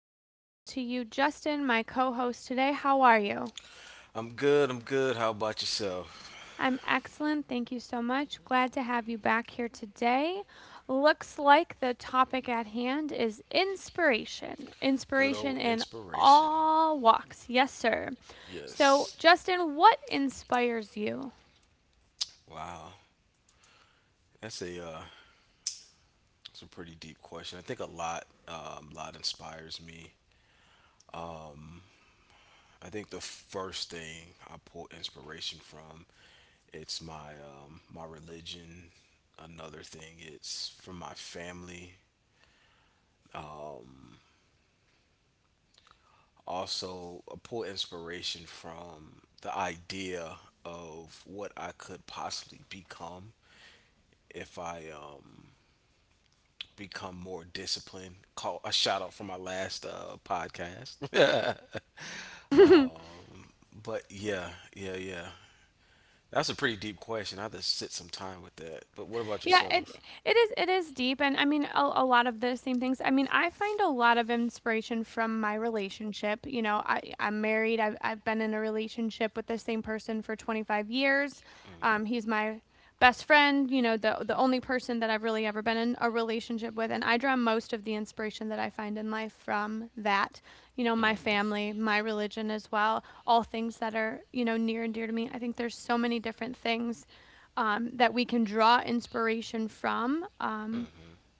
and hello to you, Justin, my co host today. How are you? I'm good. I'm good. How about yourself? I'm excellent. Thank you so much. Glad to have you back here today. Looks like the topic at hand is inspiration. Inspiration Good in old inspiration. all walks. Yes, sir. So, Yes. Justin, what inspires you? Wow. That's a uh, that's a pretty deep question. I think a lot inspires me. I think the first thing I pull inspiration from, it's my my religion. Another thing, it's from my family. Um, Also, I pull inspiration from the idea of what I could possibly become if I become more disciplined. Call a shout out for my last podcast. um, but yeah. That's a pretty deep question. I have to sit some time with that. But what Yeah, about it it yourself? is it is deep, and I mean a lot of the same things. I mean, I find a lot of inspiration from my relationship. You know, I'm married. I've been in a relationship with the same person for 25 years. Mm, He's my best friend. You know, the only person that I've really ever been in a relationship with, and I draw most of the inspiration that I find in life from that. You know, my mm, family, my religion as well, all things that are, you know, near and dear to me. I think there's so many different things that we can draw inspiration from. Mm-hmm.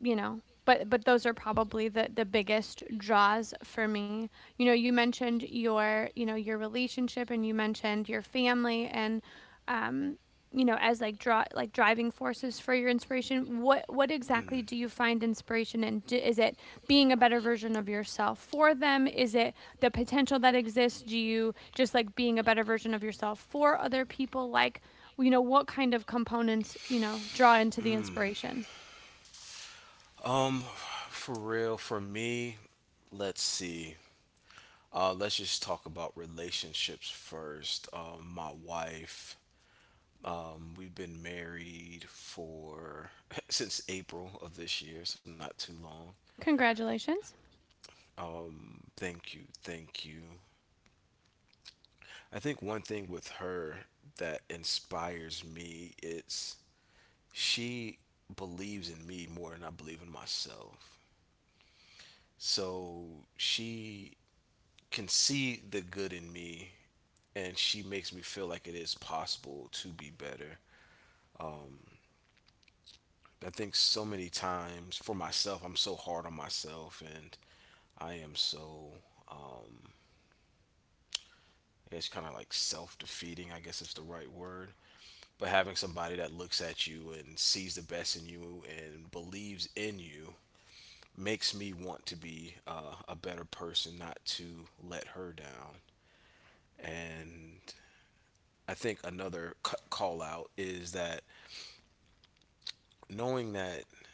You know, but those are probably the biggest draws for me. You know, you mentioned your, you know, your relationship and you mentioned your family and um you know, as like draw like driving forces for your inspiration, what exactly do you find inspiration in? Is it being a better version of yourself for them? Is it the potential that exists? Do you just like being a better version of yourself for other people? Like, you know, what kind of components, you know, draw into the Mm. inspiration? Mm. For real, for me, let's see. Let's just talk about relationships first. My wife, we've been married for since April of this year, so not too long. Congratulations. Thank you, thank you. I think one thing with her that inspires me is she believes in me more than I believe in myself. So she can see the good in me, and she makes me feel like it is possible to be better. I think so many times for myself, I'm so hard on myself, and I am so, um, it's kind of like self defeating, I guess is the right word. But having somebody that looks at you and sees the best in you and believes in you makes me want to be a better person, not to let her down. And I think another call out is that knowing that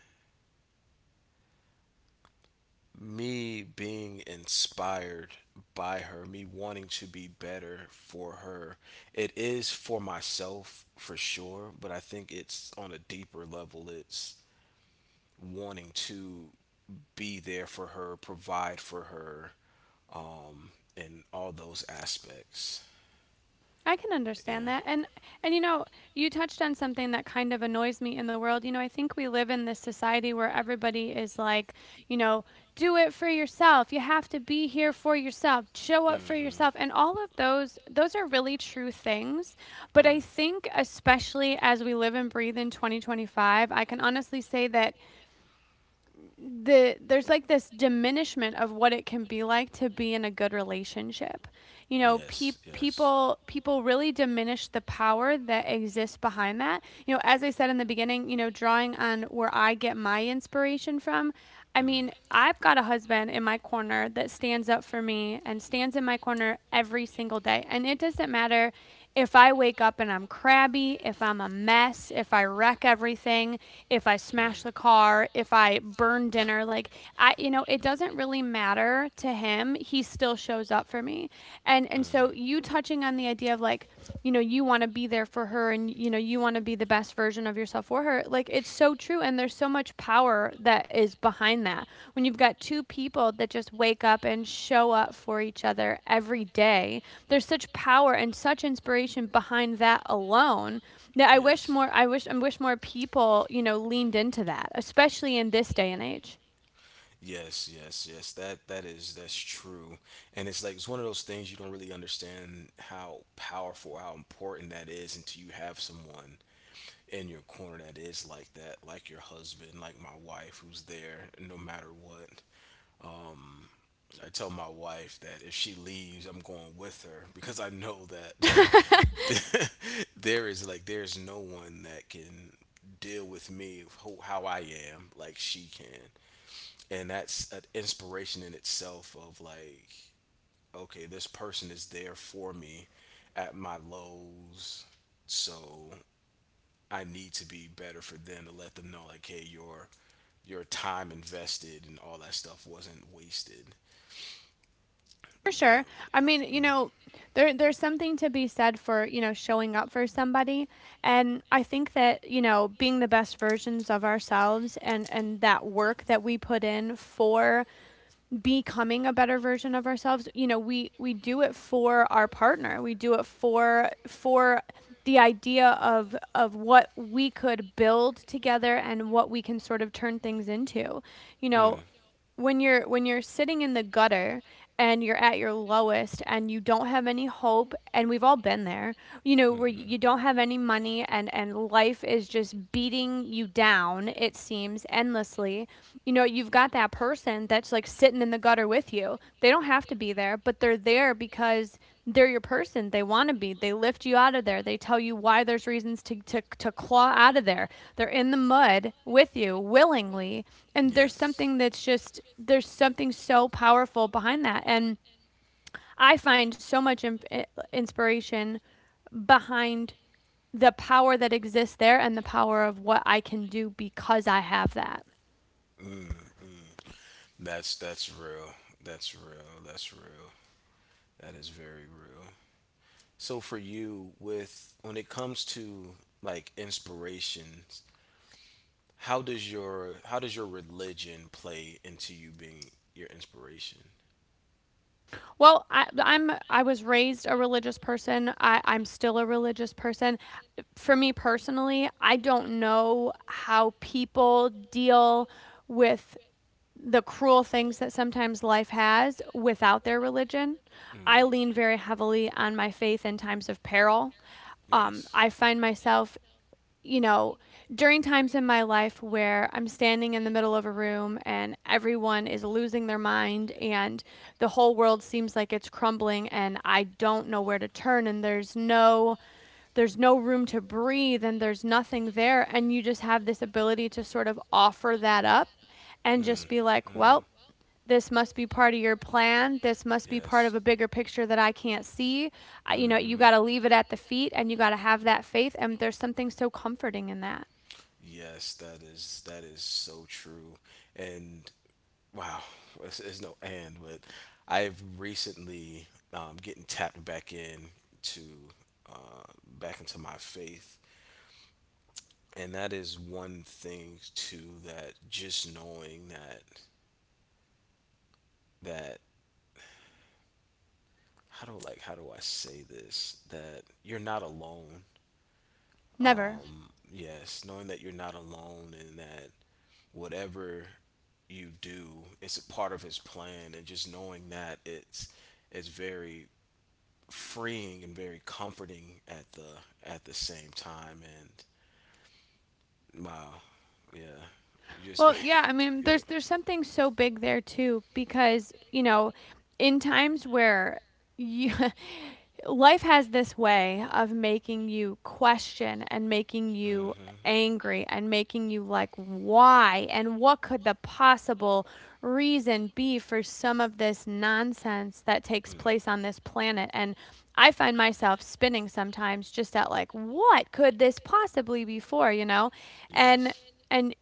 me being inspired by her, me wanting to be better for her, it is for myself for sure, but I think it's on a deeper level. It's wanting to be there for her, provide for her, um, and all those aspects. I can understand that. Yeah. And you know, you touched on something that kind of annoys me in the world. You know, I think we live in this society where everybody is like, you know, do it for yourself. You have to be here for yourself. Show up for yourself. Mm-hmm. And all of those are really true things. But I Mm. think especially as we live and breathe in 2025, I can honestly say that there's like this diminishment of what it can be like to be in a good relationship. You know, Yes. Yes. People really diminish the power that exists behind that. You know, as I said in the beginning, you know, drawing on where I get my inspiration from, I mean, Mm. I've got a husband in my corner that stands up for me and stands in my corner every single day. And it doesn't matter if I wake up and I'm crabby, if I'm a mess, if I wreck everything, if I smash the Mm. car, if I burn dinner, like I you know, it doesn't really matter to him. He still shows up for me. And so you touching on the idea of like, you Mm. know, you want to be there for her and you know, you want to be the best version of yourself for her. Like it's so true and there's so much power that is behind that. When you've got two people that just wake up and show up for each other every day, there's such power and such inspiration behind that alone, that Yes. I wish, more people, you know, leaned into that, especially in this day and age. Yes, yes, yes. That that is that's true. And it's like it's one of those things you don't really understand how powerful, how important that is until you have someone in your corner that is like that, like your husband, like my wife who's there no matter what. Um, I tell my wife that if she leaves, I'm going with her because I know that For there is like there's no one that can deal with me how I am, like she can, and that's an inspiration in itself of like, okay, this person is there for me at my lows, so I need to be better for them to let them know like, hey, your time invested and all that stuff wasn't wasted. sure. I mean, Yeah. you know, there there's something to be said for, you know, showing up for somebody. And I think that, you know, being the best versions of ourselves and that work that we put in for becoming a better version of ourselves, you know, we do it for our partner, we do it for the idea of what we could build together and what we can sort of turn things into, you know. Mm. When you're sitting in the gutter and you're at your lowest and you don't have any hope, and we've all been there, you know, where you Hmm. don't have any money and life is just beating you down, it seems endlessly, you know, you've got that person that's like sitting in the gutter with you. They don't have to be there, but they're there because they're your person. They want to be. They lift you out of there. They tell you why there's reasons to claw out of there. They're in the mud with you willingly. And there's something Yes. that's just, there's something so powerful behind that. And I find so much inspiration behind the power that exists there and the power of what I can do because I have that. Mm-mm. That's real. That's real. That's real. That is very real. So for you, with when it comes to like inspirations, how does your religion play into you being your inspiration? Well, I I was raised a religious person. I'm still a religious person. For me personally, I don't know how people deal with the cruel things that sometimes life has without their religion. I Mm, lean very heavily on my faith in times of peril. I yes. find myself, you know, during times in my life where I'm standing in the middle of a room and everyone is losing their mind and the whole world seems like it's crumbling and I don't know where to turn, and there's no room to breathe and there's nothing there, and you just have this ability to sort of offer that up and just be Mm, like, well, mm, this must be part of your plan. This must be part of a yes. bigger picture that I can't see. You know, you got to Mm-hmm. leave it at the feet and you got to have that faith, and there's something so comforting in that. Yes, that is so true. And wow, there's it's no and, but I've recently getting tapped back in to back into my faith, and that is one thing too, that just knowing that that, how do like how do I say this, that you're not alone. Never. Yes, knowing that you're not alone and that whatever you do is a part of his plan, and just knowing that it's very freeing and very comforting at the same time. And wow, yeah, you Well, just yeah, I mean, yeah. there's something so big there too because, you know, in times where you, life has this way of making you question and making you Mm-hmm. angry and making you like why, and what could the possible reason be for some of this nonsense that takes Mm. place on this planet? And I find myself spinning sometimes just at like what could this possibly be for, you know. and Yes. and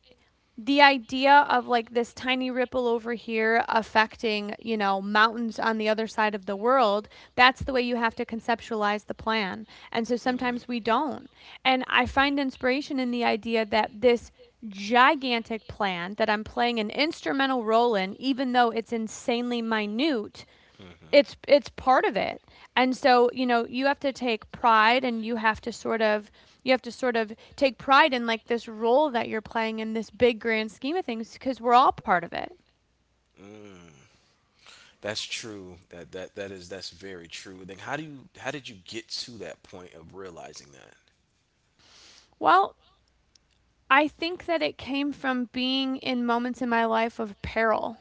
the idea of like this tiny ripple over here affecting, you know, mountains on the other side of the world, that's the way you have to conceptualize the plan. And so sometimes Mm. we don't. And I find inspiration in the idea that this gigantic plan that I'm playing an instrumental role in, even though it's insanely minute, Mm-hmm. it's part of it. And so, you know, you have to take pride and you have to you have to sort of take pride in like this role that you're playing in this big grand scheme of things because we're all part of it. Mm. That's true. That that that is that's very true. Then how do you how did you get to that point of realizing that? Well, I think that it came from being in moments in my life of peril.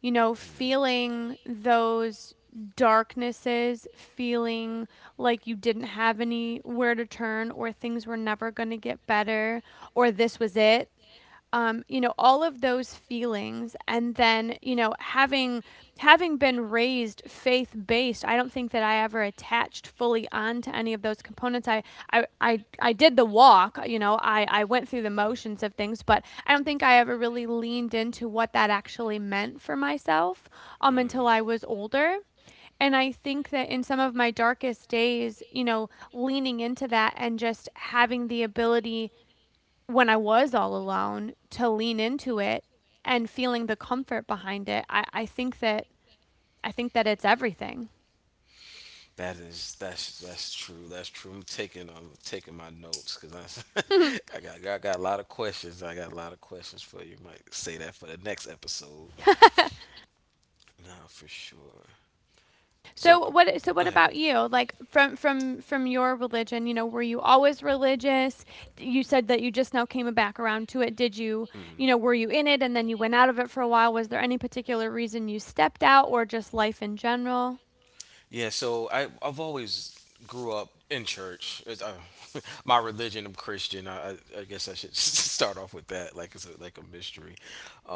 You know, Mm. feeling those darknesses, feeling like you didn't have anywhere to turn, or things were never going to get better, or this was it. You know, all of those feelings, and then, you know, having been raised faith based, I don't think that I ever attached fully on to any of those components. I did the walk, you know, I went through the motions of things, but I don't think I ever really leaned into what that actually meant for myself until I Mm. was older. And I think that in some of my darkest days, you know, leaning into that and just having the ability when I was all alone to lean into it and feeling the comfort behind it, I think that, I think that it's everything. That is that's true. That's true. I'm taking my notes because I I got a lot of questions. I got a lot of questions for you. Might say that for the next episode. Nah, for sure. So So, what, go ahead. about you? Like, from your religion, you know, were you always religious? You said that you just now came back around to it. Did you, you Hmm. know, were you in it and then you went out of it for a while? Was there any particular reason you stepped out, or just life in general? Yeah, so I've always grew up in church. It's, my religion, I'm Christian. I guess I should start off with that, like it's a, like a mystery.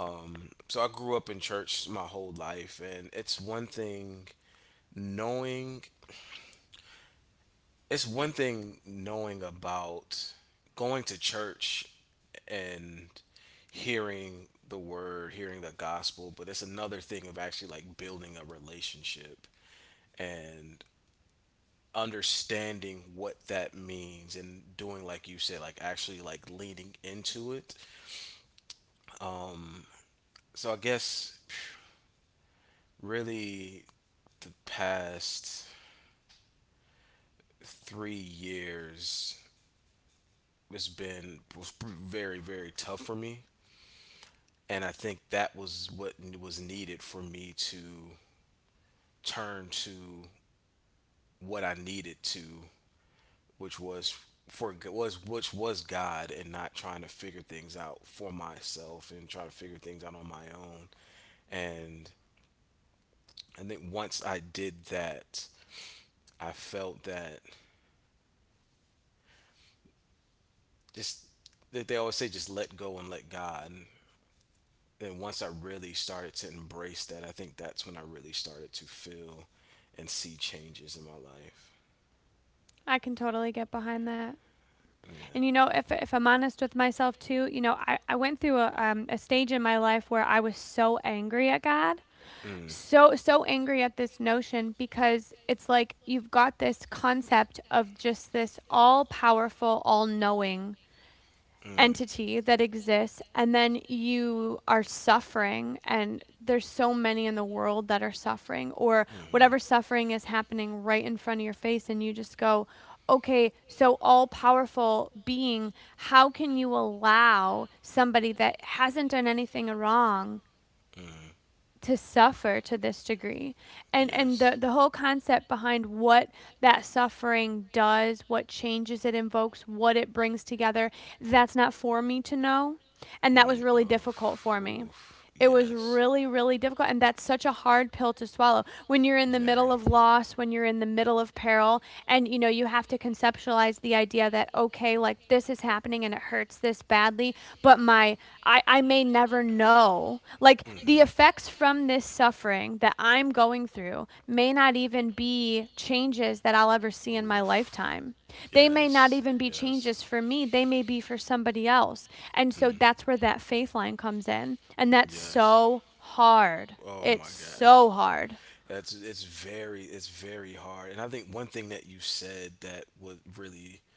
So I grew up in church my whole life, and knowing it's one thing knowing about going to church and hearing the word, hearing the gospel, but it's another thing of actually like building a relationship and understanding what that means, and doing like you said, like actually like leaning into it. So I guess really the past 3 years has been was very very tough for me, and I think that was what was needed for me to turn to what I needed to, which was for was which was God, and not trying to figure things out for myself and try to figure things out on my own. And I think once I did that, I felt that just that they always say, just let go and let God. And once I really started to embrace that, I think that's when I really started to feel and see changes in my life. I can totally get behind that. And you Yeah. know, if I'm honest with myself too, you know, I went through a stage in my life where I was so angry at God, Mm, so angry at this notion, because it's like you've got this concept of just this all powerful, all knowing mm, entity that exists, and then you are suffering and there's so many in the world that are suffering, or whatever mm-hmm, suffering is happening right in front of your face, and you just go, okay, so all powerful being, how can you allow somebody that hasn't done anything wrong mm, to suffer to this degree? And the yes. Whole concept behind what that suffering does, what changes it invokes, what it brings together, that's not for me to know. And that was Mm, really difficult for oof, me. oof, It was yes. really, really difficult. And that's such a hard pill to swallow when you're in the middle Very. of loss, when you're in the middle of peril. And, you know, you have to conceptualize the idea that, okay, like this is happening and it hurts this badly, but I may never know. Like the Mm-hmm. effects from this suffering that I'm going through may not even be changes that I'll ever see in my Oof, lifetime. They may not yes, even be changes yes. for me, they may be for somebody else. And so Mm. that's where that faith line comes in. And that's Yes. so hard. Oh It's my so gosh. hard. That's it's very hard. And I think one thing that you said that would really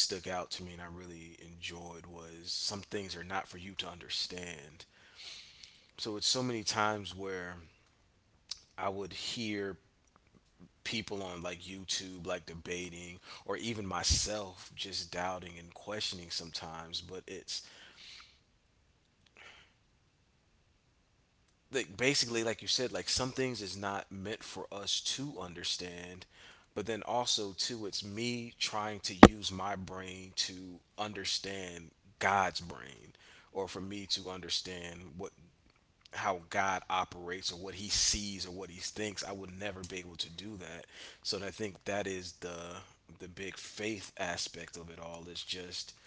stuck out to me and I really enjoyed was, some things are not for you to understand. So it's so many times where I would hear people on like YouTube like debating, or even myself just doubting and questioning sometimes, but it's like basically like you said, like some things is not meant for us to understand, but then also too it's me trying to use my brain to understand god's brain, or for me to understand what, how god operates or what he sees or what he thinks, I would never be able to do that. So I think that is the big faith aspect of it all, is just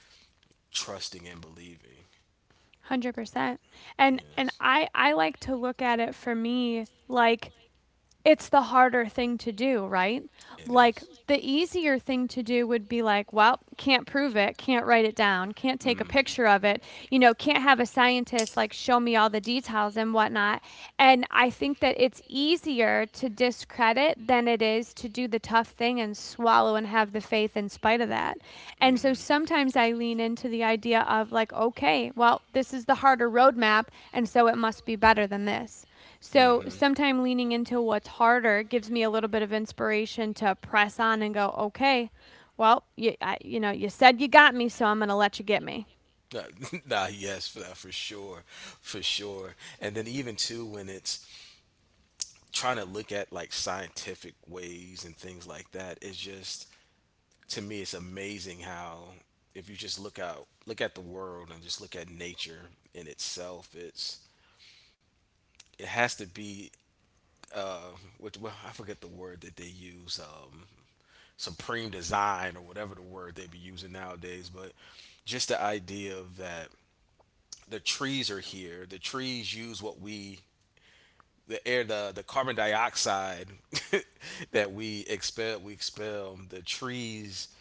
trusting and believing. 100%. And and Yes, I I like to look at it for me like it's the harder thing to do, right? it Like, is. the easier thing to do would be like, well, can't prove it, can't write it down, can't take a Mm. picture of it, you know, can't have a scientist like show me all the details and whatnot. And I think that it's easier to discredit than it is to do the tough thing and swallow and have the faith in spite of that. And so Mm. sometimes I lean into the idea of like, okay, well, this is the harder roadmap, and so it must be better than this. So Mm-hmm. sometimes leaning into what's harder gives me a little bit of inspiration to press on and go, okay, well, you, I, you know, you said you got me, so I'm going to let you get me. Nah, nah, yes, for, that, for sure, for sure. And then even too, when it's trying to look at like scientific ways and things like that, it's just to me it's amazing how, if you just look at the world and just look at nature in itself, it's, it has to be uh which, well, I forget the word that they use, supreme design or whatever the word they be using nowadays, but just the idea of that, the trees are here, the trees use what we, the air, the carbon dioxide that we expel, we expel, the trees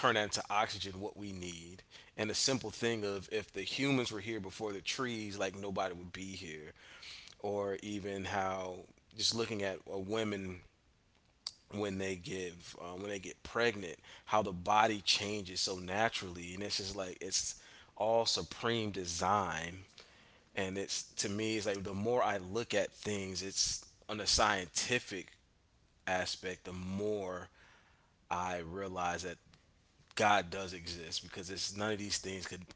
turn that into oxygen, what we need. And the simple thing of, if the humans were here before the trees, like nobody would be here. Or even how, just looking at a women when they give when they get pregnant, how the body changes so naturally, and it's just like it's all supreme design. And it's to me it's like the more I look at things, it's on the scientific aspect, the more I realize that God does exist, because it's none of these things could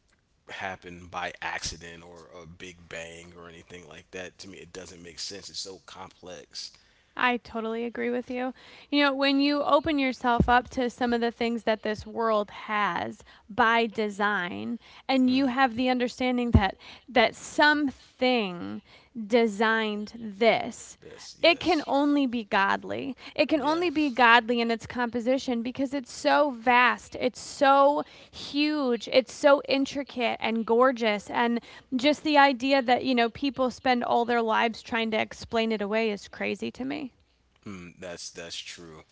happen by accident or a big bang or anything like that. To me it doesn't make sense, it's so complex. I totally agree with you. You know, when you open yourself up to some of the things that this world has by design and you Mm. have the understanding that something designed this, Yes, it can yes, only be godly. It can only be yes. godly in its composition because it's so vast, it's so huge, it's so intricate and gorgeous and just the idea that, you know, people spend all their lives trying to explain it away is crazy to me. Mm, that's true.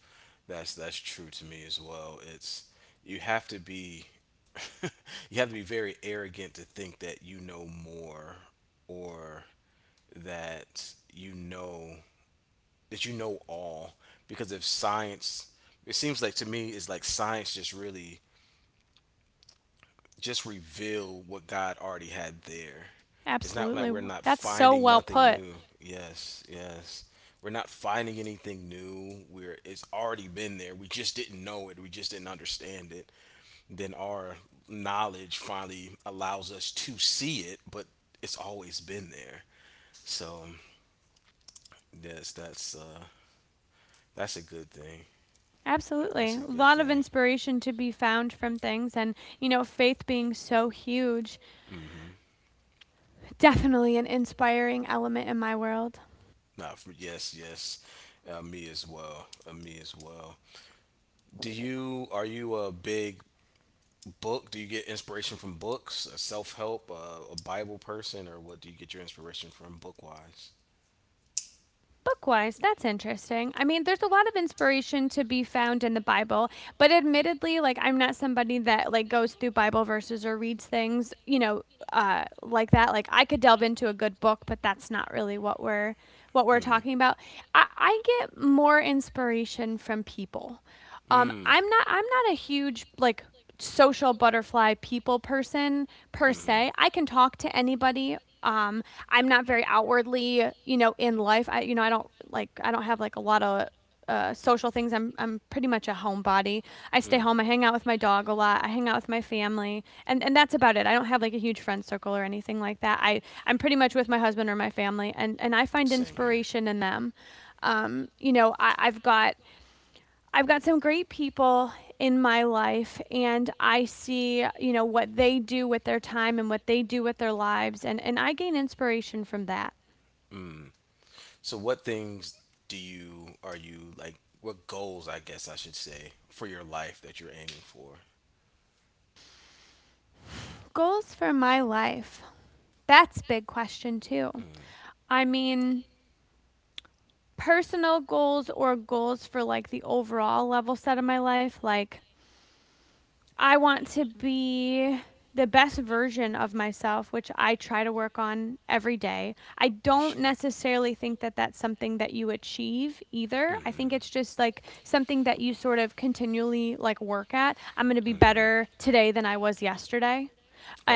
That's true to me as well. It's, you have to be you have to be very arrogant to think that you know more, or that you know, that you know all, because if science, it seems like to me it's like science just really just reveal what God already had there. It's not Absolutely. like we're not That's so finding well nothing put. new. Yes, yes. We're not finding anything new. We're, it's already been there, we just didn't know it, we just didn't understand it. Then our knowledge finally allows us to see it, but it's always been there. So yes, that's a good thing. Absolutely. A That's a lot good of thing. inspiration to be found from things and, you know, faith being so huge. Mm-hmm. Definitely an inspiring element in my world. Not for, yes, yes. Me as well. Me as well. Do you, are you a big book? Do you get inspiration from books? A self help, a Bible person, or what do you get your inspiration from, book wise? Bookwise, that's interesting. I mean, there's a lot of inspiration to be found in the Bible, but admittedly, like I'm not somebody that like goes through Bible verses or reads things, you know, like that. Like I could delve into a good book, but that's not really what we're Mm, talking about. I get more inspiration from people. Mm-hmm. I'm not a huge like social butterfly people person per Mm. se. I can talk to anybody. Um, I'm not very outwardly, you know, in life. I you know, I don't have like a lot of social things. I'm pretty much a homebody. I stay home. I Mm. hang out with my dog a lot. I hang out with my family, and that's about it. I don't have like a huge friend circle or anything like that. I'm pretty much with my husband or my family, and I find Same here. inspiration in them. You know, I've got some great people in my life and I see, you know, what they do with their time and what they do with their lives and I gain inspiration from that. Mm. So what things do you, are you like? What goals, I guess I should say, for your life that you're aiming for? Goals for my life. That's a big question too. Mm. I mean, personal goals or goals for like the overall level set of my life like I want to be the best version of myself, which I try to work on every day. I For don't sure. necessarily think that that's something that you achieve either. I think it's Mm-hmm. just like something that you sort of continually like work at. I'm going to be better Mm-hmm. today than I was yesterday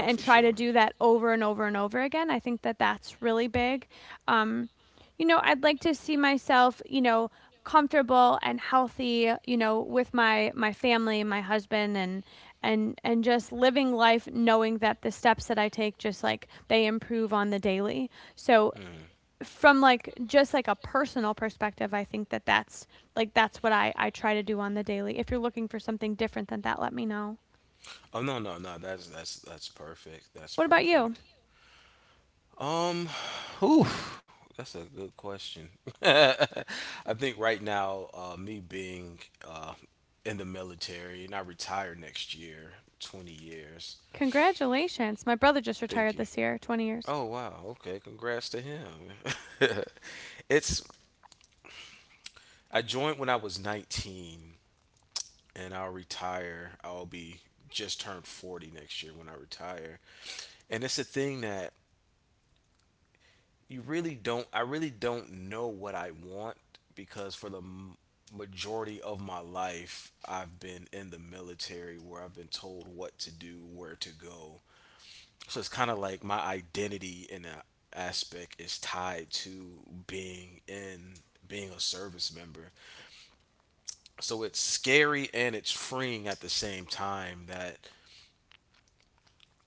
Oh, for try to sure. do that over and over and over again. I think that that's really big. Um, you know, I'd like to see myself, you know, comfortable and healthy, you know, with my family, my husband and just living life knowing that the steps that I take just like they improve on the daily. So Mm. from like just like a personal perspective, I think that that's what I try to do on the daily. If you're looking for something different than that, let me know. Oh no, no, no. That's that's perfect. That's What about you? perfect. Um, Ooh. That's a good question. I think right now, me being uh, in the military, and I retire next year, 20 years. Congratulations. My brother just retired Thank you. this year, 20 years. Oh wow. Okay. Congrats to him. It's, I joined when I was 19, and I'll retire. I'll be just turned 40 next year when I retire. And it's a thing that you really don't I really don't know what I want because for the majority of my life I've been in the military where I've been told what to do, where to go. So it's kind of like my identity in that aspect is tied to being in being a service member. So it's scary and it's freeing at the same time that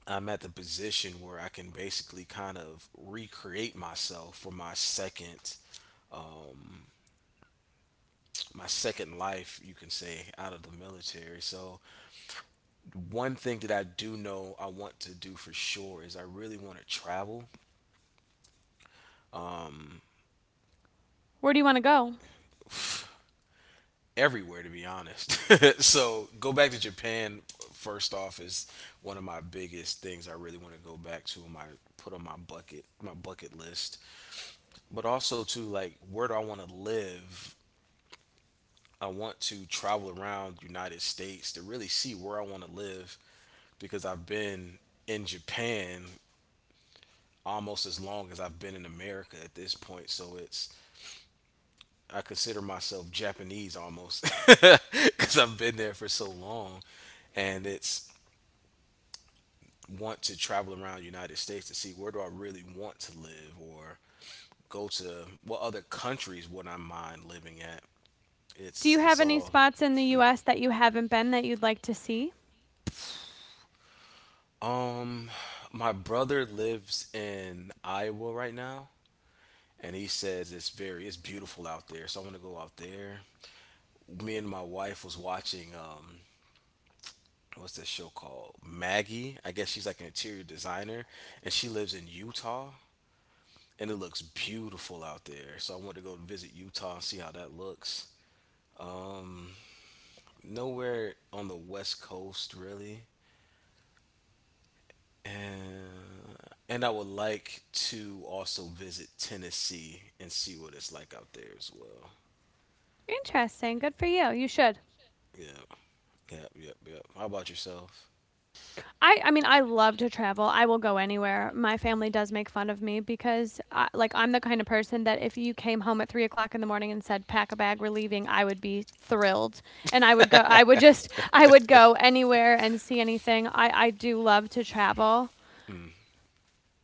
I'm at the position where I can basically kind of recreate myself for um my second life, you can say, out of the military. So one thing that I do know I want to do for sure is I really want to travel, um Where do you want to go? everywhere, to be honest. So go back to Japan first off is one of my biggest things. I really want to go back to my put on my bucket list. But also, to like, where do I want to live? I want to travel around the United States to really see where I want to live because I've been in Japan almost as long as I've been in America at this point. So it's, I consider myself Japanese almost because I've been there for so long, and it's, want to travel around the United States to see where do I really want to live, or go to what other countries would I mind living at. Do It's you have it's any all, spots in the US that you haven't been that you'd like to see? um my brother lives in Iowa right now, and he says it's beautiful out there. So I want to go out there. Me and my wife was watching, what's that show called? Maggie. I guess she's like an interior designer and she lives in Utah, and it looks beautiful out there. So I want to go visit Utah and see how that looks. um, Nowhere on the West Coast really, and and I would like to also visit Tennessee and see what it's like out there as well. Interesting. Good for you. You should. Yeah, yeah, yeah, yeah. How about yourself? I mean, I love to travel. I will go anywhere. My family does make fun of me because I'm the kind of person that if you came home at 3 o'clock in the morning and said pack a bag, we're leaving, I would be thrilled, and I would go. I would go anywhere and see anything. I do love to travel. Mm.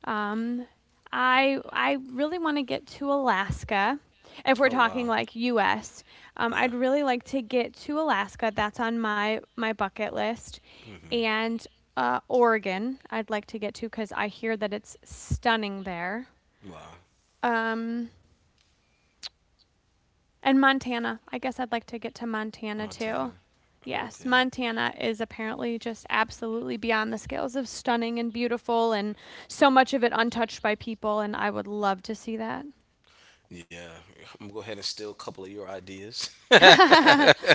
Um, I really want to get to Alaska. If we're Oh talking wow, like U.S., yeah. I'd really like to get to Alaska. That's on my bucket list, Hmm. and Oregon. I'd like to get to because I hear that it's stunning there. Wow, Um, and Montana. I guess I'd like to get to Montana too. Montana. Yes, Okay. Montana is apparently just absolutely beyond the scales of stunning and beautiful, and so much of it untouched by people. And I would love to see that. Yeah, I'm gonna go ahead and steal a couple of your ideas. Yeah,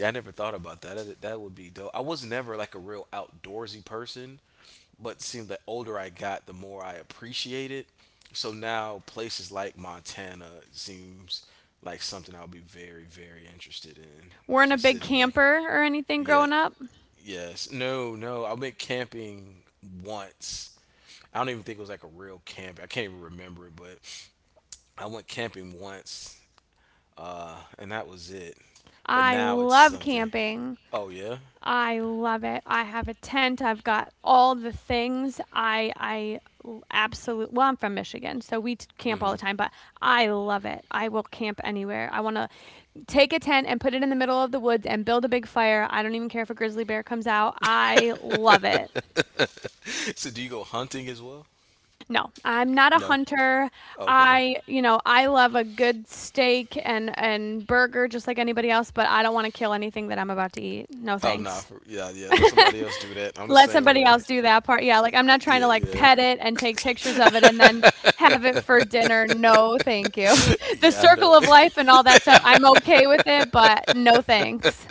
I never thought about that. That would be dope. I was never like a real outdoorsy person, but seemed the older I got, the more I appreciate it. So now places like Montana seems like something I'll be very, very interested in. Weren't a Just big sitting back. camper or anything Yeah. growing up. Yes. No, no. I went camping once. I don't even think it was like a real camp. I can't even remember it, but I went camping once, and that was it. But I now it's love something. camping. Oh yeah. I love it. I have a tent. I've got all the things. I absolutely well, I'm from Michigan, so we camp all Hmm. the time, but I love it. I will camp anywhere. I want to take a tent and put it in the middle of the woods and build a big fire. I don't even care if a grizzly bear comes out. I love it. So do you go hunting as well? No, I'm not a No. hunter. Okay. I you know, I love a good steak and burger just like anybody else, but I don't wanna kill anything that I'm about to eat. No, Oh nah. thanks. For, yeah, yeah. Let somebody else do that. I'm the Let same somebody way. else do that part. Yeah, like, I'm not trying Yeah, to, like, yeah, pet it and take pictures of it and then have it for dinner. No, thank you. The yeah. I know. circle of life and all that stuff, I'm okay with it, but no thanks.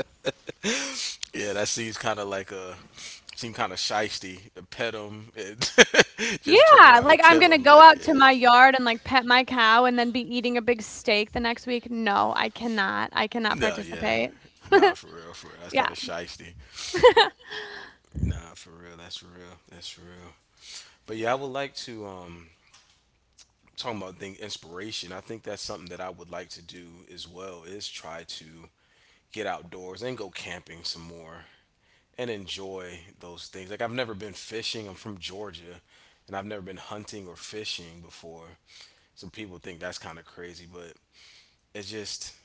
Yeah, that seems kind of like a seem kind of shisty. Pet him and just turn Yeah, around and like, I'm kill gonna him. go Like, out to yeah, my yard and, like, pet my cow and then be eating a big steak the next week. No, I cannot. I cannot no, yeah, participate. nah, for real, for real. That's Yeah, kind of shisty. Nah, for real. That's real. That's real. But yeah, I would like to, talking about thing inspiration. I think that's something that I would like to do as well, is try to get outdoors and go camping some more, and enjoy those things. Like I've never been fishing. I'm from Georgia, and I've never been hunting or fishing before. So people think that's kind of crazy, but it's just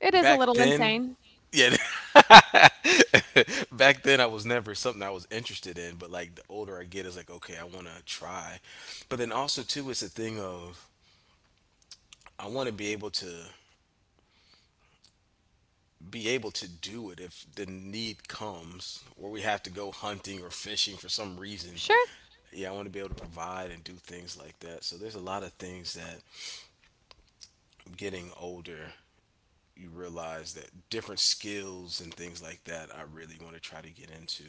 it is a back little then. insane. Yeah, back then I was never something I was interested in. But like the older I get, it's like okay, I want to try. But then also too, it's a thing of I want to be able to do it if the need comes, or we have to go hunting or fishing for some reason. Sure. Yeah, I want to be able to provide and do things like that. So there's a lot of things that, getting older, you realize that different skills and things like that, I really want to try to get into.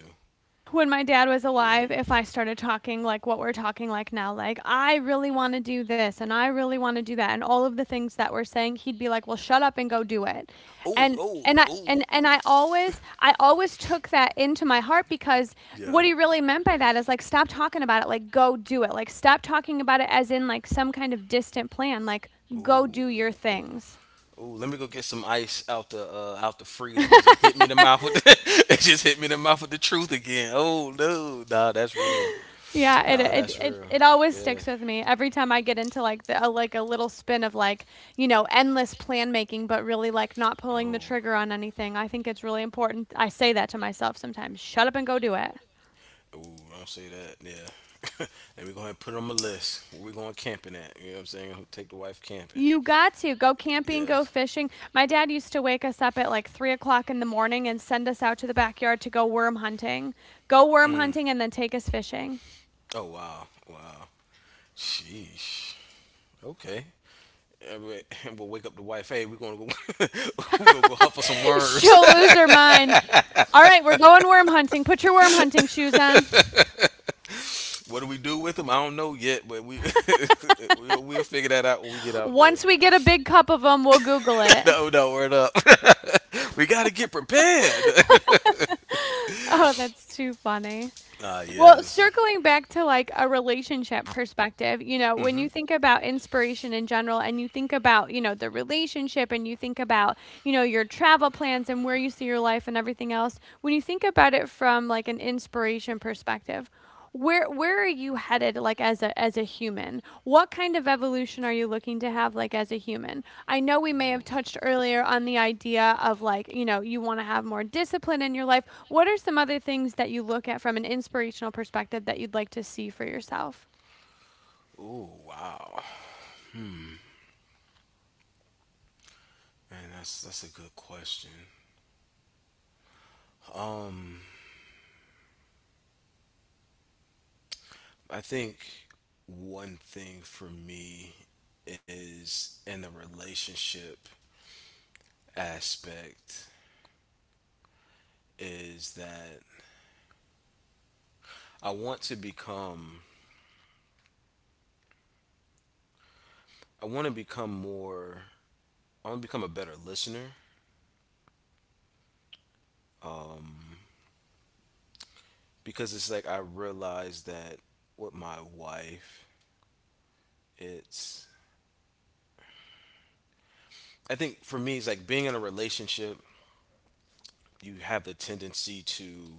When my dad was Yeah. alive, if I started talking like what we're talking like now, like, "I really wanna do this, and I really wanna do that," and all of the things that we're saying, he'd be like, "Well, shut up and go do it." Oh, And oh, and I oh. and and I always I always took that into my heart because Yeah. what he really meant by that is, like, "Stop talking about it, like, go do it." Like, stop talking about it as in, like, some kind of distant plan, like, go Ooh. do your things. Ooh, let me go get some ice out the freezer. You just hit me in the mouth with the, it just hit me in the mouth with the truth again. Oh no, nah, that's real. Yeah, it, Nah, it that's real. it it always Yeah. sticks with me every time I get into like a little spin of like you know endless plan making, but really like not pulling the Oh. trigger on anything. I think it's really important. I say that to myself sometimes. Shut up and go do it. Ooh, don't say that. Yeah. Let me go ahead and put it on my list. Where we going camping at? You know what I'm saying? Take the wife camping. You got to go camping, go Yes. fishing. My dad used to wake us up at like 3 o'clock in the morning and send us out to the backyard to go worm hunting. Go worm Mm. hunting and then take us fishing. Oh wow, wow, sheesh. Okay. And we'll wake up the wife. Hey, we're gonna go. We're gonna go hunt for some worms. She'll lose her mind. All right, we're going worm hunting. Put your worm hunting shoes on. What do we do with them? I don't know yet, but we we'll figure that out when we get out there. Once we get a big cup of them, we'll Google it. No, no, word up. We gotta get prepared. Oh, that's too funny. Ah, Well, yes. circling back to like a relationship perspective, you know, when Mm-hmm. you think about inspiration in general and you think about, you know, the relationship and you think about, you know, your travel plans and where you see your life and everything else, when you think about it from like an inspiration perspective, where are you headed like as a human? What kind of evolution are you looking to have like as a human? I know we may have touched earlier on the idea of like, you know, you want to have more discipline in your life. What are some other things that you look at from an inspirational perspective that you'd like to see for yourself? Ooh, wow. Hmm. Man, that's a good question. Um, I think one thing for me is in the relationship aspect is that I want to become I want to become more I want to become a better listener, because it's like I realize that with my wife it's, I think for me it's like being in a relationship, you have the tendency to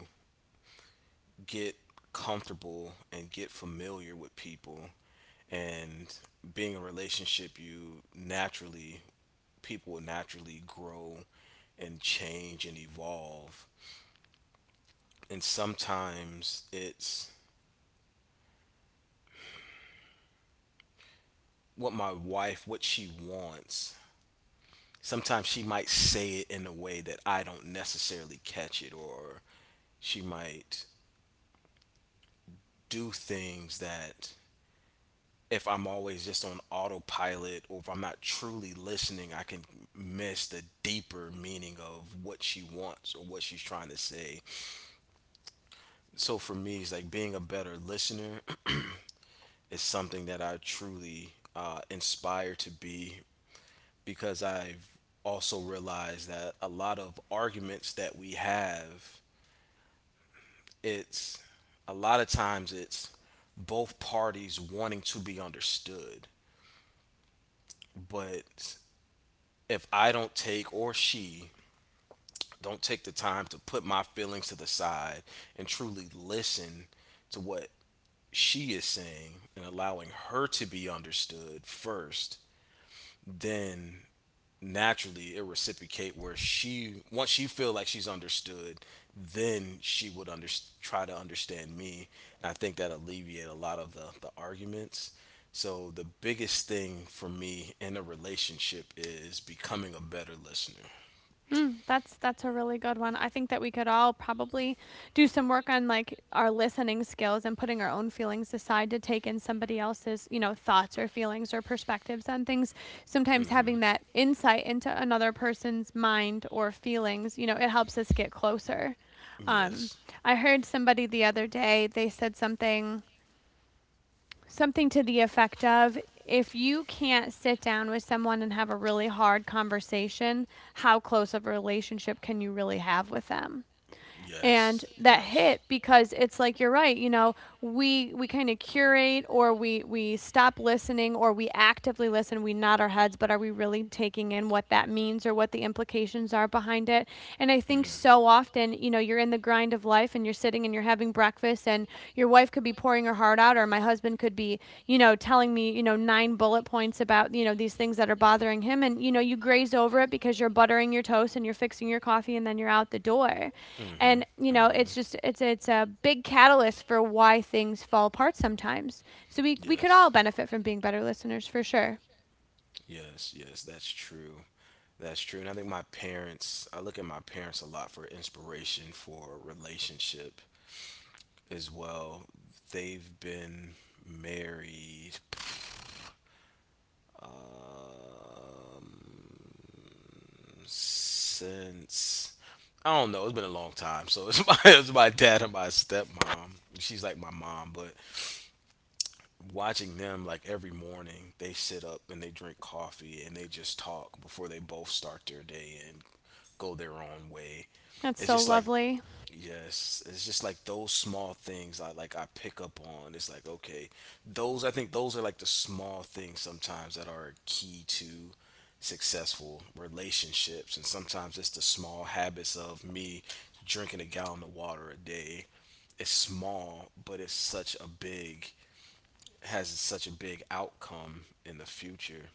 get comfortable and get familiar with people. And being in a relationship you naturally, people will naturally grow and change and evolve. And sometimes it's what my wife, what she wants, sometimes she might say it in a way that I don't necessarily catch it, or she might do things that if I'm always just on autopilot or if I'm not truly listening, I can miss the deeper meaning of what she wants or what she's trying to say. So for me, it's like being a better listener is something that I truly, inspire to be. Because I've also realized that a lot of arguments that we have, it's a lot of times it's both parties wanting to be understood. But if I don't take, or she don't take, the time to put my feelings to the side and truly listen to what she is saying and allowing her to be understood first, then naturally it reciprocate where she once she feel like she's understood, then she would try to understand me. And I think that alleviate a lot of the arguments. So the biggest thing for me in a relationship is becoming a better listener. Mm, that's a really good one. I think that we could all probably do some work on like our listening skills and putting our own feelings aside to take in somebody else's, you know, thoughts or feelings or perspectives on things. Sometimes Mm-hmm. having that insight into another person's mind or feelings, you know, it helps us get closer. Um, Yes. I heard somebody the other day, they said something to the effect of if you can't sit down with someone and have a really hard conversation, how close of a relationship can you really have with them? And Yes. that Yes. hit because it's like you're right, you know, we kind of curate, or we stop listening, or we actively listen, we nod our heads, but are we really taking in what that means or what the implications are behind it? And I think Mm. so often, you know, you're in the grind of life and you're sitting and you're having breakfast and your wife could be pouring her heart out, or my husband could be, telling me, nine bullet points about, these things that are bothering him, and you know, you graze over it because you're buttering your toast and you're fixing your coffee and then you're out the door. Mhm. And you know, Mhm. it's just it's a big catalyst for why things fall apart sometimes. So we could Yes. all benefit from being better listeners, for sure. Yes. Yes. That's true. That's true. And I think my parents, I look at my parents a lot for inspiration for relationship as well. They've been married, um, since, I don't know, it's been a long time. So it's my, it's my dad and my stepmom. She's like my mom, but watching them, like every morning they sit up and they drink coffee and they just talk before they both start their day and go their own way. That's It's so just like, lovely. yes, it's just like those small things, I like, I pick up on it's like okay, those, I think those are like the small things sometimes that are key to successful relationships. And sometimes it's the small habits of me drinking a gallon of water a day. It's small, but it's such a big has such a big outcome in the future.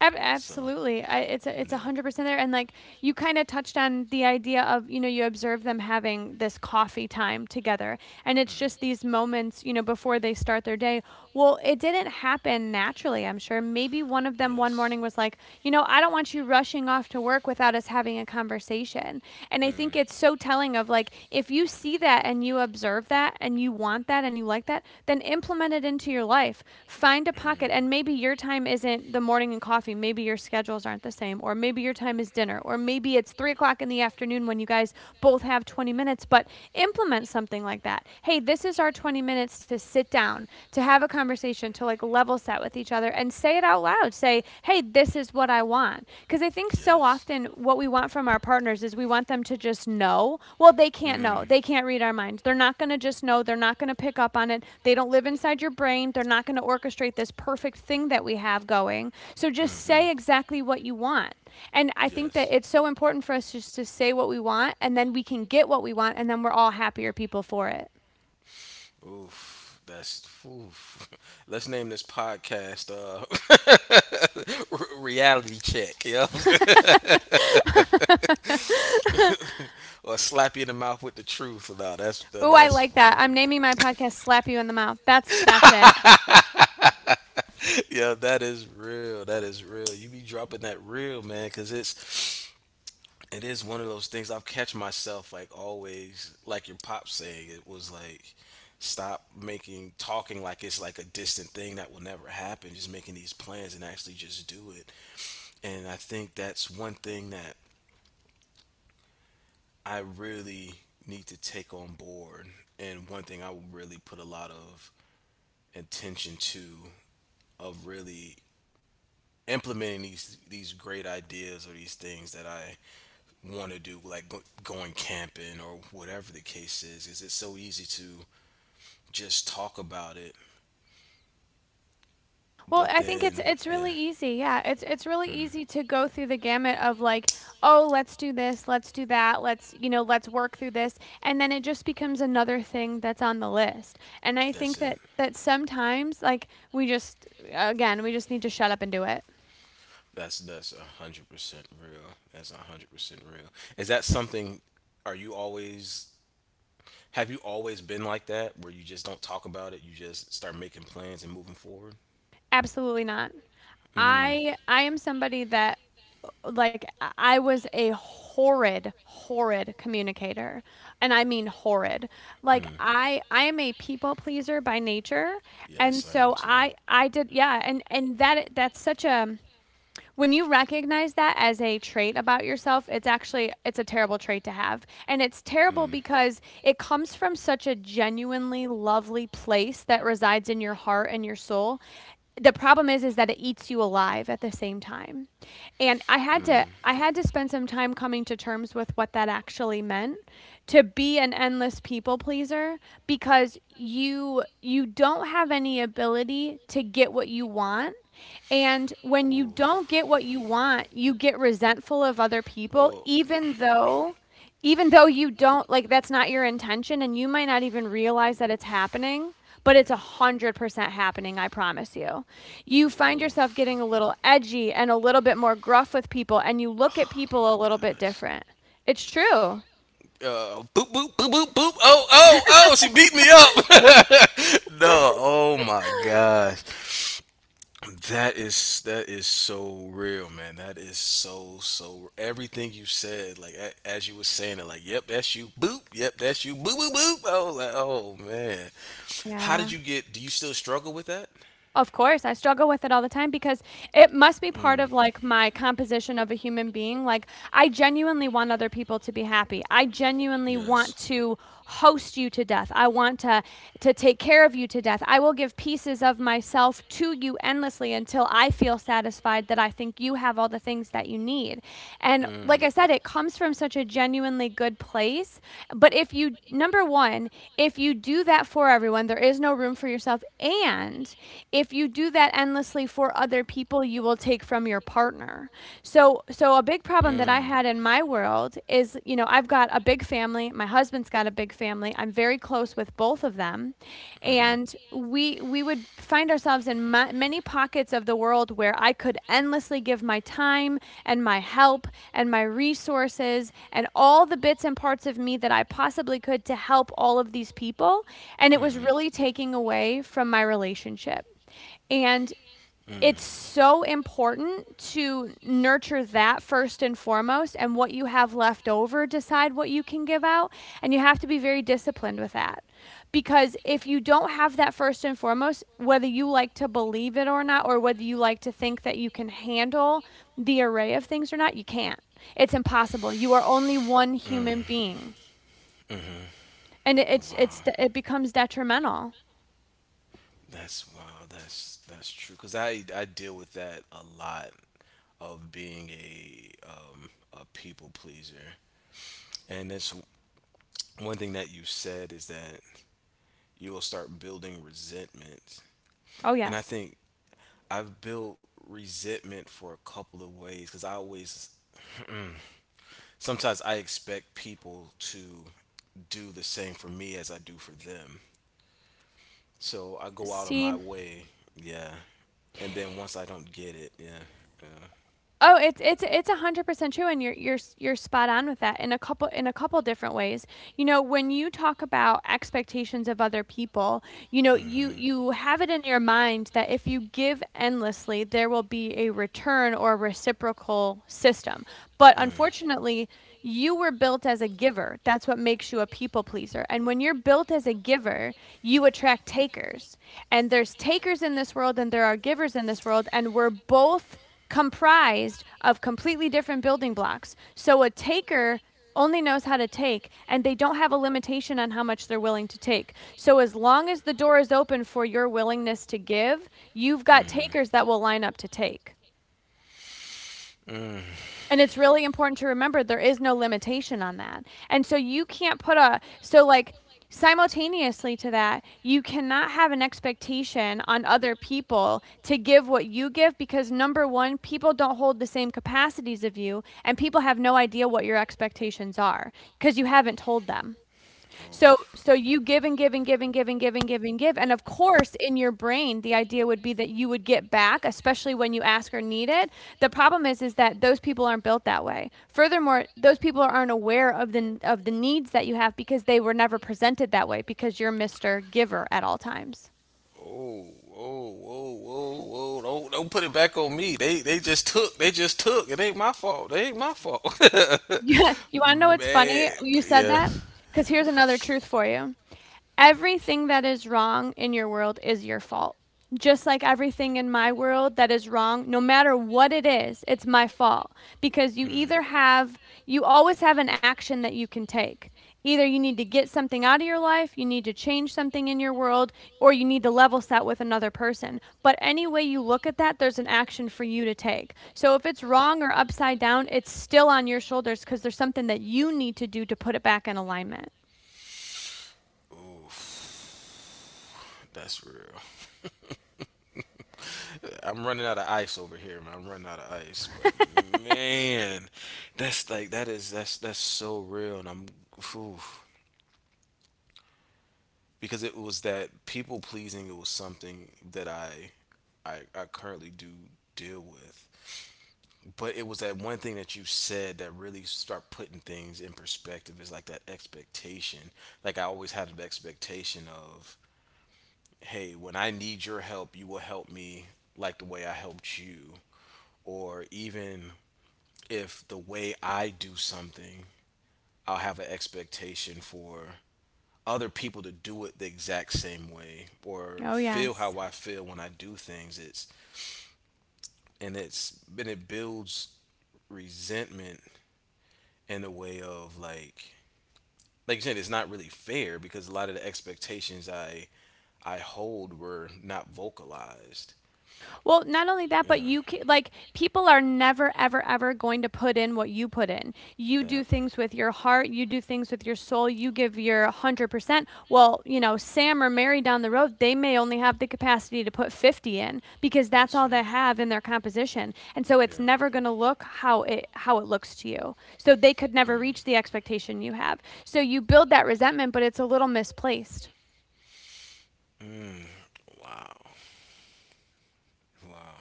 So, Absolutely. I, it's a, it's no. 100% there. And like, you kind of touched on the idea of, you know, you observe them having this coffee time together, and it's just these moments, you know, before they start their day. Well, it didn't happen naturally, I'm sure. Maybe one of them one Yes. morning was like, you know, I don't want you rushing off to work without us having a conversation. And I think Mm. it's so telling of like, if you see that and you observe that and you want that and you like that, then implement it into your life. Find a pocket. Mm. And maybe your time isn't the morning and coffee. Maybe your schedules aren't the same. Or maybe your time is dinner. Or maybe it's 3 o'clock in the afternoon when you guys both have 20 minutes. But implement something like that. Hey, this is our 20 minutes to sit down, to have a conversation, to like level set with each other and say it out aloud. Say, hey, this is what I want. Because I think so Yes. often what we want from our partners is we want them to just know. Well, they can't know. Mm. They can't read our minds. They're not going to just know. They're not going to pick up on it. They don't live inside your brain. They're not going to orchestrate this perfect thing that we have going. So just Mm-hmm. say exactly what you want. And I think that Yes. it's so important for us just to say what we want, and then we can get what we want, and then we're all happier people for it. Oof. That's oof. Let's name this podcast, Reality Check. You know what I'm saying? Or slap you in the mouth with the truth. No, that's the Ooh, I that's like that. one I'm naming my podcast "Slap You in the Mouth." That's it. hundred. Yeah, that is real. That is real. You be dropping that real, man, because it's, it is one of those things. I've catch myself like always, like your pop saying. It was like stop making talking like it's like a distant thing that will never happen. Just making these plans and actually just do it. And I think that's one thing that I really need to take on board, and one thing I will really put a lot of intention to, of really implementing these great ideas or these things that I want to do, like going camping or whatever the case is it's so easy to just talk about it, Well, but I think it's then it's yeah, really easy. Yeah, it's really easy to go through the gamut of like, oh, let's do this, let's do that, let's, you know, let's work through this, and then it just becomes another thing that's on the list. And I that's think it. that that sometimes, like, we just, again, we just need to shut up and do it. That's 100% real. That's 100% real. Is that something, are you always, have you always been like that, where you just don't talk about it? You just start making plans and moving forward. Absolutely not. Hmm. I am somebody that, like, I was a horrid, horrid communicator, and I mean horrid. Like, I am a people pleaser by nature, and Yes, I am so too. I did, yeah, and that's such a, when you recognize that as a trait about yourself, it's actually, it's a terrible trait to have. And it's terrible Mm. because it comes from such a genuinely lovely place that resides in your heart and your soul. The problem is that it eats you alive at the same time. And I had to spend some time coming to terms with what that Mm. actually meant, to be an endless people pleaser, because you don't have any ability to get what you want. And when you don't Oof. get what you want, you get resentful of other people, Oh. even though, you don't, like, that's not your intention, and you might not even realize that it's happening, but it's a Yeah. hundred percent happening, I promise you. You find Oh. yourself getting a little edgy and a little bit more gruff with people, and you look at Oh, my people a little bit Gosh. different. It's true. Boop boop boop boop boop. Oh oh oh! She beat me up. No. Oh my gosh. That is, that is so real, man. That is so so. Everything you said, like a, as you were saying it, like, yep, that's you. Boop. Yep, that's you. Boop boop boop. Oh, like, oh man. How Yeah. did you get? Do you still struggle with that? Of course, I struggle with it all the time because it must be Mm. part of like my composition of a human being. Like, I genuinely want other people to be happy. I genuinely Yes. want to host you to death. I want to, take care of you to death. I will give pieces of myself to you endlessly until I feel satisfied that I think you have all the things that you need. And Mm. like I said, it comes from such a genuinely good place. But if you, number one, if you do that for everyone, there is no room for yourself. And if you do that endlessly for other people, you will take from your partner. So, a big problem that I have Mm. had in my world is, you know, I've got a big family. My husband's got a big family. I'm very close with both of them, Mhm. and we would find ourselves in ma many pockets of the world where I could endlessly give my time and my help and my resources and all the bits and parts of me that I possibly could to help all of these people, and it was Mhm. really taking away from my relationship. And Mm. it's so important to nurture that first and foremost, and what you have left over, decide what you can give out. And you have to be very disciplined with that, because if you don't have that first and foremost, whether you like to believe it or not, or whether you like to think that you can handle the array of things or not, you can't. It's impossible. You are only one Mm. human being. Mhm. And it- it's Wow. it's it becomes detrimental. That's wow. That's true. Cause I deal with that a lot of being a a people pleaser, and that's one thing that you said is that you will start building resentment, Oh and I yes. think I've built resentment for a couple of ways. Cause I always sometimes I expect people to do the same for me as I do for them. So I go out of See. my way, yeah, and then once I don't get it, yeah, Oh, it's 100% true, and you're spot on with that in a couple, different ways. You know, when you talk about expectations of other people, you know, yeah. you Hmm. Have it in your mind that if you give endlessly, there will be a return or reciprocal system. But Mm. unfortunately, you were built as a giver. That's what makes you a people pleaser. And when you're built as a giver, you attract takers. And there's takers in this world, and there are givers in this world, and we're both comprised of completely different building blocks. So a taker only knows how to take, and they don't have a limitation on how much they're willing to take. So as long as the door is open for your willingness to give, you've got Mm. takers that will line up to take. Mm. And it's really important to remember there is no limitation on that. And so you can't put a, simultaneously to that, you cannot have an expectation on other people to give what you give, because number 1, people don't hold the same capacities of you, and people have no idea what your expectations are because you haven't told them. So, Oh, you give and give and give and give and give and give and give, and of course, in your brain, the idea would be that you would get back, especially when you ask or need it. The problem is that those people aren't built that way. Furthermore, those people aren't aware of the needs that you have, because they were never presented that way because you're Mr. Giver at all times. oh, oh, oh, oh, oh! Don't put it back on me. They just took. They just took. It ain't my fault. It ain't my fault. Yeah, you wanna know what's Man, funny? You said yeah. that, because here's another truth for you. Everything that is wrong in your world is your fault. Just like everything in my world that is wrong, no matter what it is, it's my fault. Because Mm. You always have an action that you can take. Either you need to get something out of your life, you need to change something in your world, or you need to level set with another person. But any way you look at that, there's an action for you to take. So if it's wrong or upside down, it's still on your shoulders because there's something that you need to do to put it back in alignment. Oof, that's real. I'm running out of ice over here, man. I'm running out of ice, but man, that's like that is that's so real, and I'm whew. Because it was that people pleasing. It was something that I currently do deal with, but it was that one thing that you said that really start putting things in perspective. Is like that expectation. Like I always had an expectation of, hey, when I need your help, you will help me like the way I helped you, or even if the way I do something, I'll have an expectation for other people to do it the exact same way or oh, feel yes. how I feel when I do things. It's and it builds resentment in a way of like you said, it's not really fair because a lot of the expectations I hold were not vocalized. Well, not only that, but Yeah. you can, like, people are never ever ever going to put in what you put in. You do things with your heart, you do things with your soul, you give your 100%. Well, you know, Sam or Mary down the road, they may only have the Yeah. capacity to put 50 in because that's That's true. all they have in their composition. And so it's never going to look how it, looks to you. So they could never reach Yeah. the expectation you have. So you build that resentment, but it's a little misplaced. Mm, wow. Wow.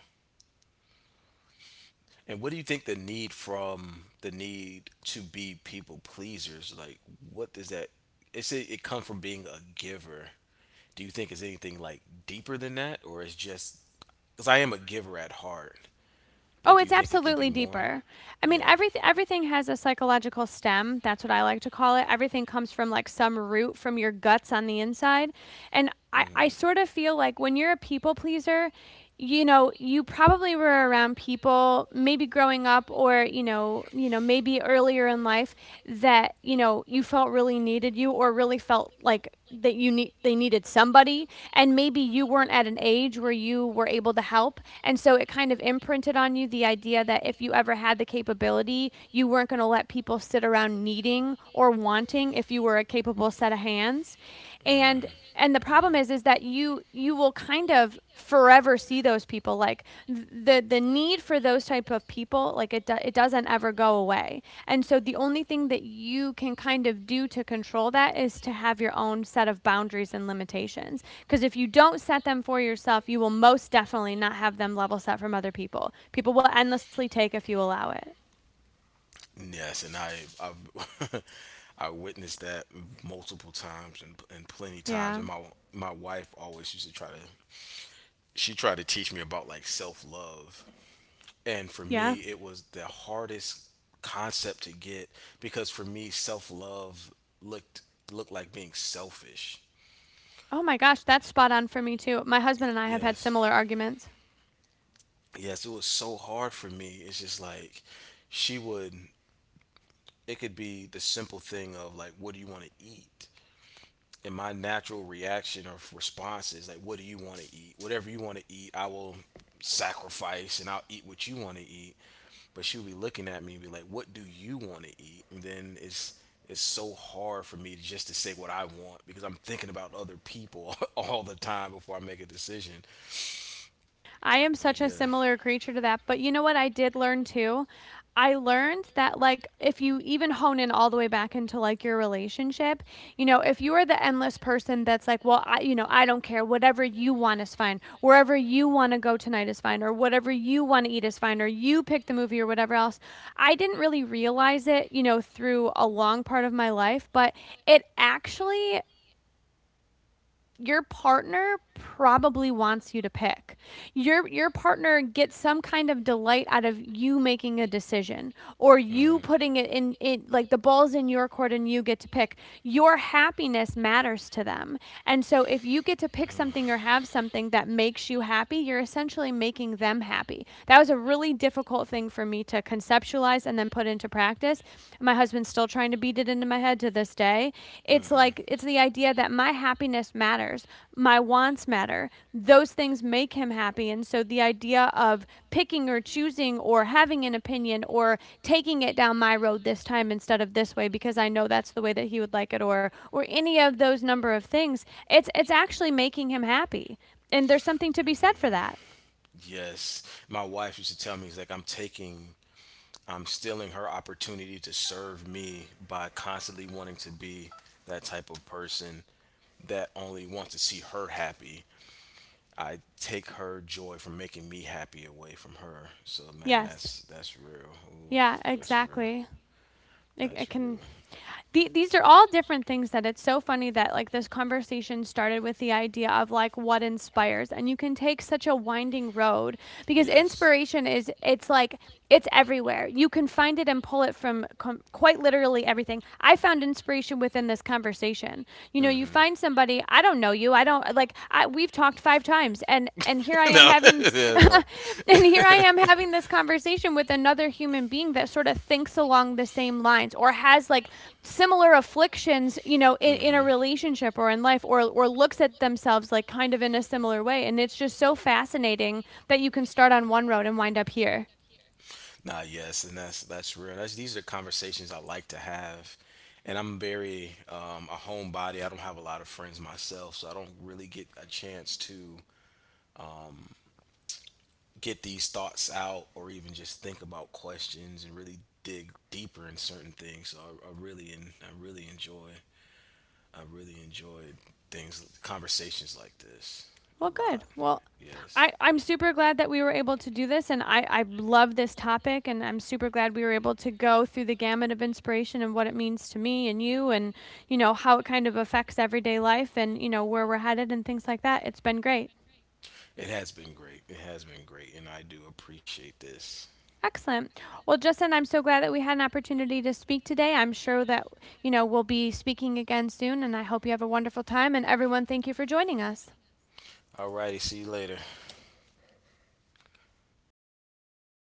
And what do you think the need from the need to be people pleasers? Like, what does that? It's it, say it come from being a giver. Do you think it's anything like deeper than that, or it's just? Because I am a giver at heart, Oh, but do it's you think it could be absolutely more? deeper. I mean, Yeah. everything has a psychological stem. That's what I like to call it. Everything comes from like some root from your guts on the inside. And I sort of feel like when you're a people pleaser, you know, you probably were around people maybe growing up or, you know, maybe earlier in life that, you know, you felt really needed you or really felt like that you need they needed somebody, and maybe you weren't at an age where you were able to help, and so it kind of imprinted on you the idea that if you ever had the capability, you weren't going to let people sit around needing or wanting if you were a capable set of hands. and Hmm. and the problem Hmm. Is that you will kind of forever see those people, like the need for those type of people, like it doesn't ever go away. And so the only thing that you can kind of do to control that is to have your own set of boundaries and limitations, because if you don't set them for yourself, you will most definitely not have them level set from other people. People will endlessly take if you allow it. Yes, and I've I witnessed that multiple times and plenty times. Yeah. And my wife always used to try to she tried to teach me about like self love. And for Yeah. me, it was the hardest concept to get because for me, self love looked looked like being selfish. Oh my gosh, Oh. that's spot on for me too. My husband and I have had Yes. similar arguments. Yes, it was so hard for me. It's just like she would. It could be the simple thing of like, what do you want to eat? And my natural reaction or response is like, what do you want to eat? Whatever you want to eat, I will sacrifice and I'll eat what you want to eat. But she'll be looking at me and be like, what do you want to eat? And then it's so hard for me to just to say what I want because I'm thinking about other people all the time before I make a decision. I am such a Yeah. similar creature to that. But you know what I did learn too? I learned that, like, if you even hone in all the way back into like your relationship, you know, if you are the endless person that's like, well, I, you know, I don't care. Whatever you want is fine. Wherever you want to go tonight is fine, or whatever you want to eat is fine, or you pick the movie, or whatever else. I didn't really realize it, you know, through a long part of my life, but it actually, your partner probably wants you to pick. Your partner gets some kind of delight out of you making a decision, or you Mm. putting it in it, like the ball's in your court and you get to pick. Your happiness matters to them. And so if you get to pick something or have something that makes you happy, you're essentially making them happy. That was a really difficult thing for me to conceptualize and then put into practice. My husband's still trying to beat it into my head to this day. It's Mm-hmm. like, it's the idea that my happiness matters, my wants matter. Those things make him happy, and so the idea of picking or choosing or having an opinion or taking it down my road this time instead of this way because I know that's the way that he would like it, or any of those number of things, it's actually making him happy. And there's something to be said for that. Yes. My wife used to tell me, it's like, I'm taking, I'm stealing her opportunity to serve me by constantly wanting to be that type of person that only wants to see her happy. I take her joy from making me happy away from her. So, man, Yes. That's real. Yeah, Oof, that's real. exactly. It That's real. can, these are all different things, that it's so funny that like this conversation started with the idea of like what inspires, and you can take such a winding road, because Yes. inspiration is, it's like, it's everywhere. You can find it and pull it from quite literally everything. I found inspiration within this conversation. You know, you Hmm. find somebody, I don't know, don't know you. I don't like, I we've talked 5 times, and here I am No. having Yeah, no. and here I am having this conversation with another human being that sort of thinks along the same lines or has like similar afflictions, you know, in a Hmm. relationship or in life, or looks at themselves like kind of in a similar way. And it's just so fascinating that you can start on one road and wind up here. Nah, yes, and that's real. That's these are conversations I like to have, and I'm very a homebody. I don't have a lot of friends myself, so I don't really get a chance to get these thoughts out or even just think about questions and really dig deeper in certain things. So I really and I really enjoy things conversations like this a Well, good. lot. Well, Yes. I'm super glad that we were able to do this, and I love this topic, and I'm super glad we were able to go through the gamut of inspiration and what it means to me and you know how it kind of affects everyday life, and you know where we're headed and things like that. It's been great. It has been great. It has been great and I do appreciate this. Excellent. Well, Justin, I'm so glad that we had an opportunity to speak today. I'm sure that, you know, we'll be speaking again soon, and I hope you have a wonderful time. And everyone, thank you for joining us. Alrighty, see you later.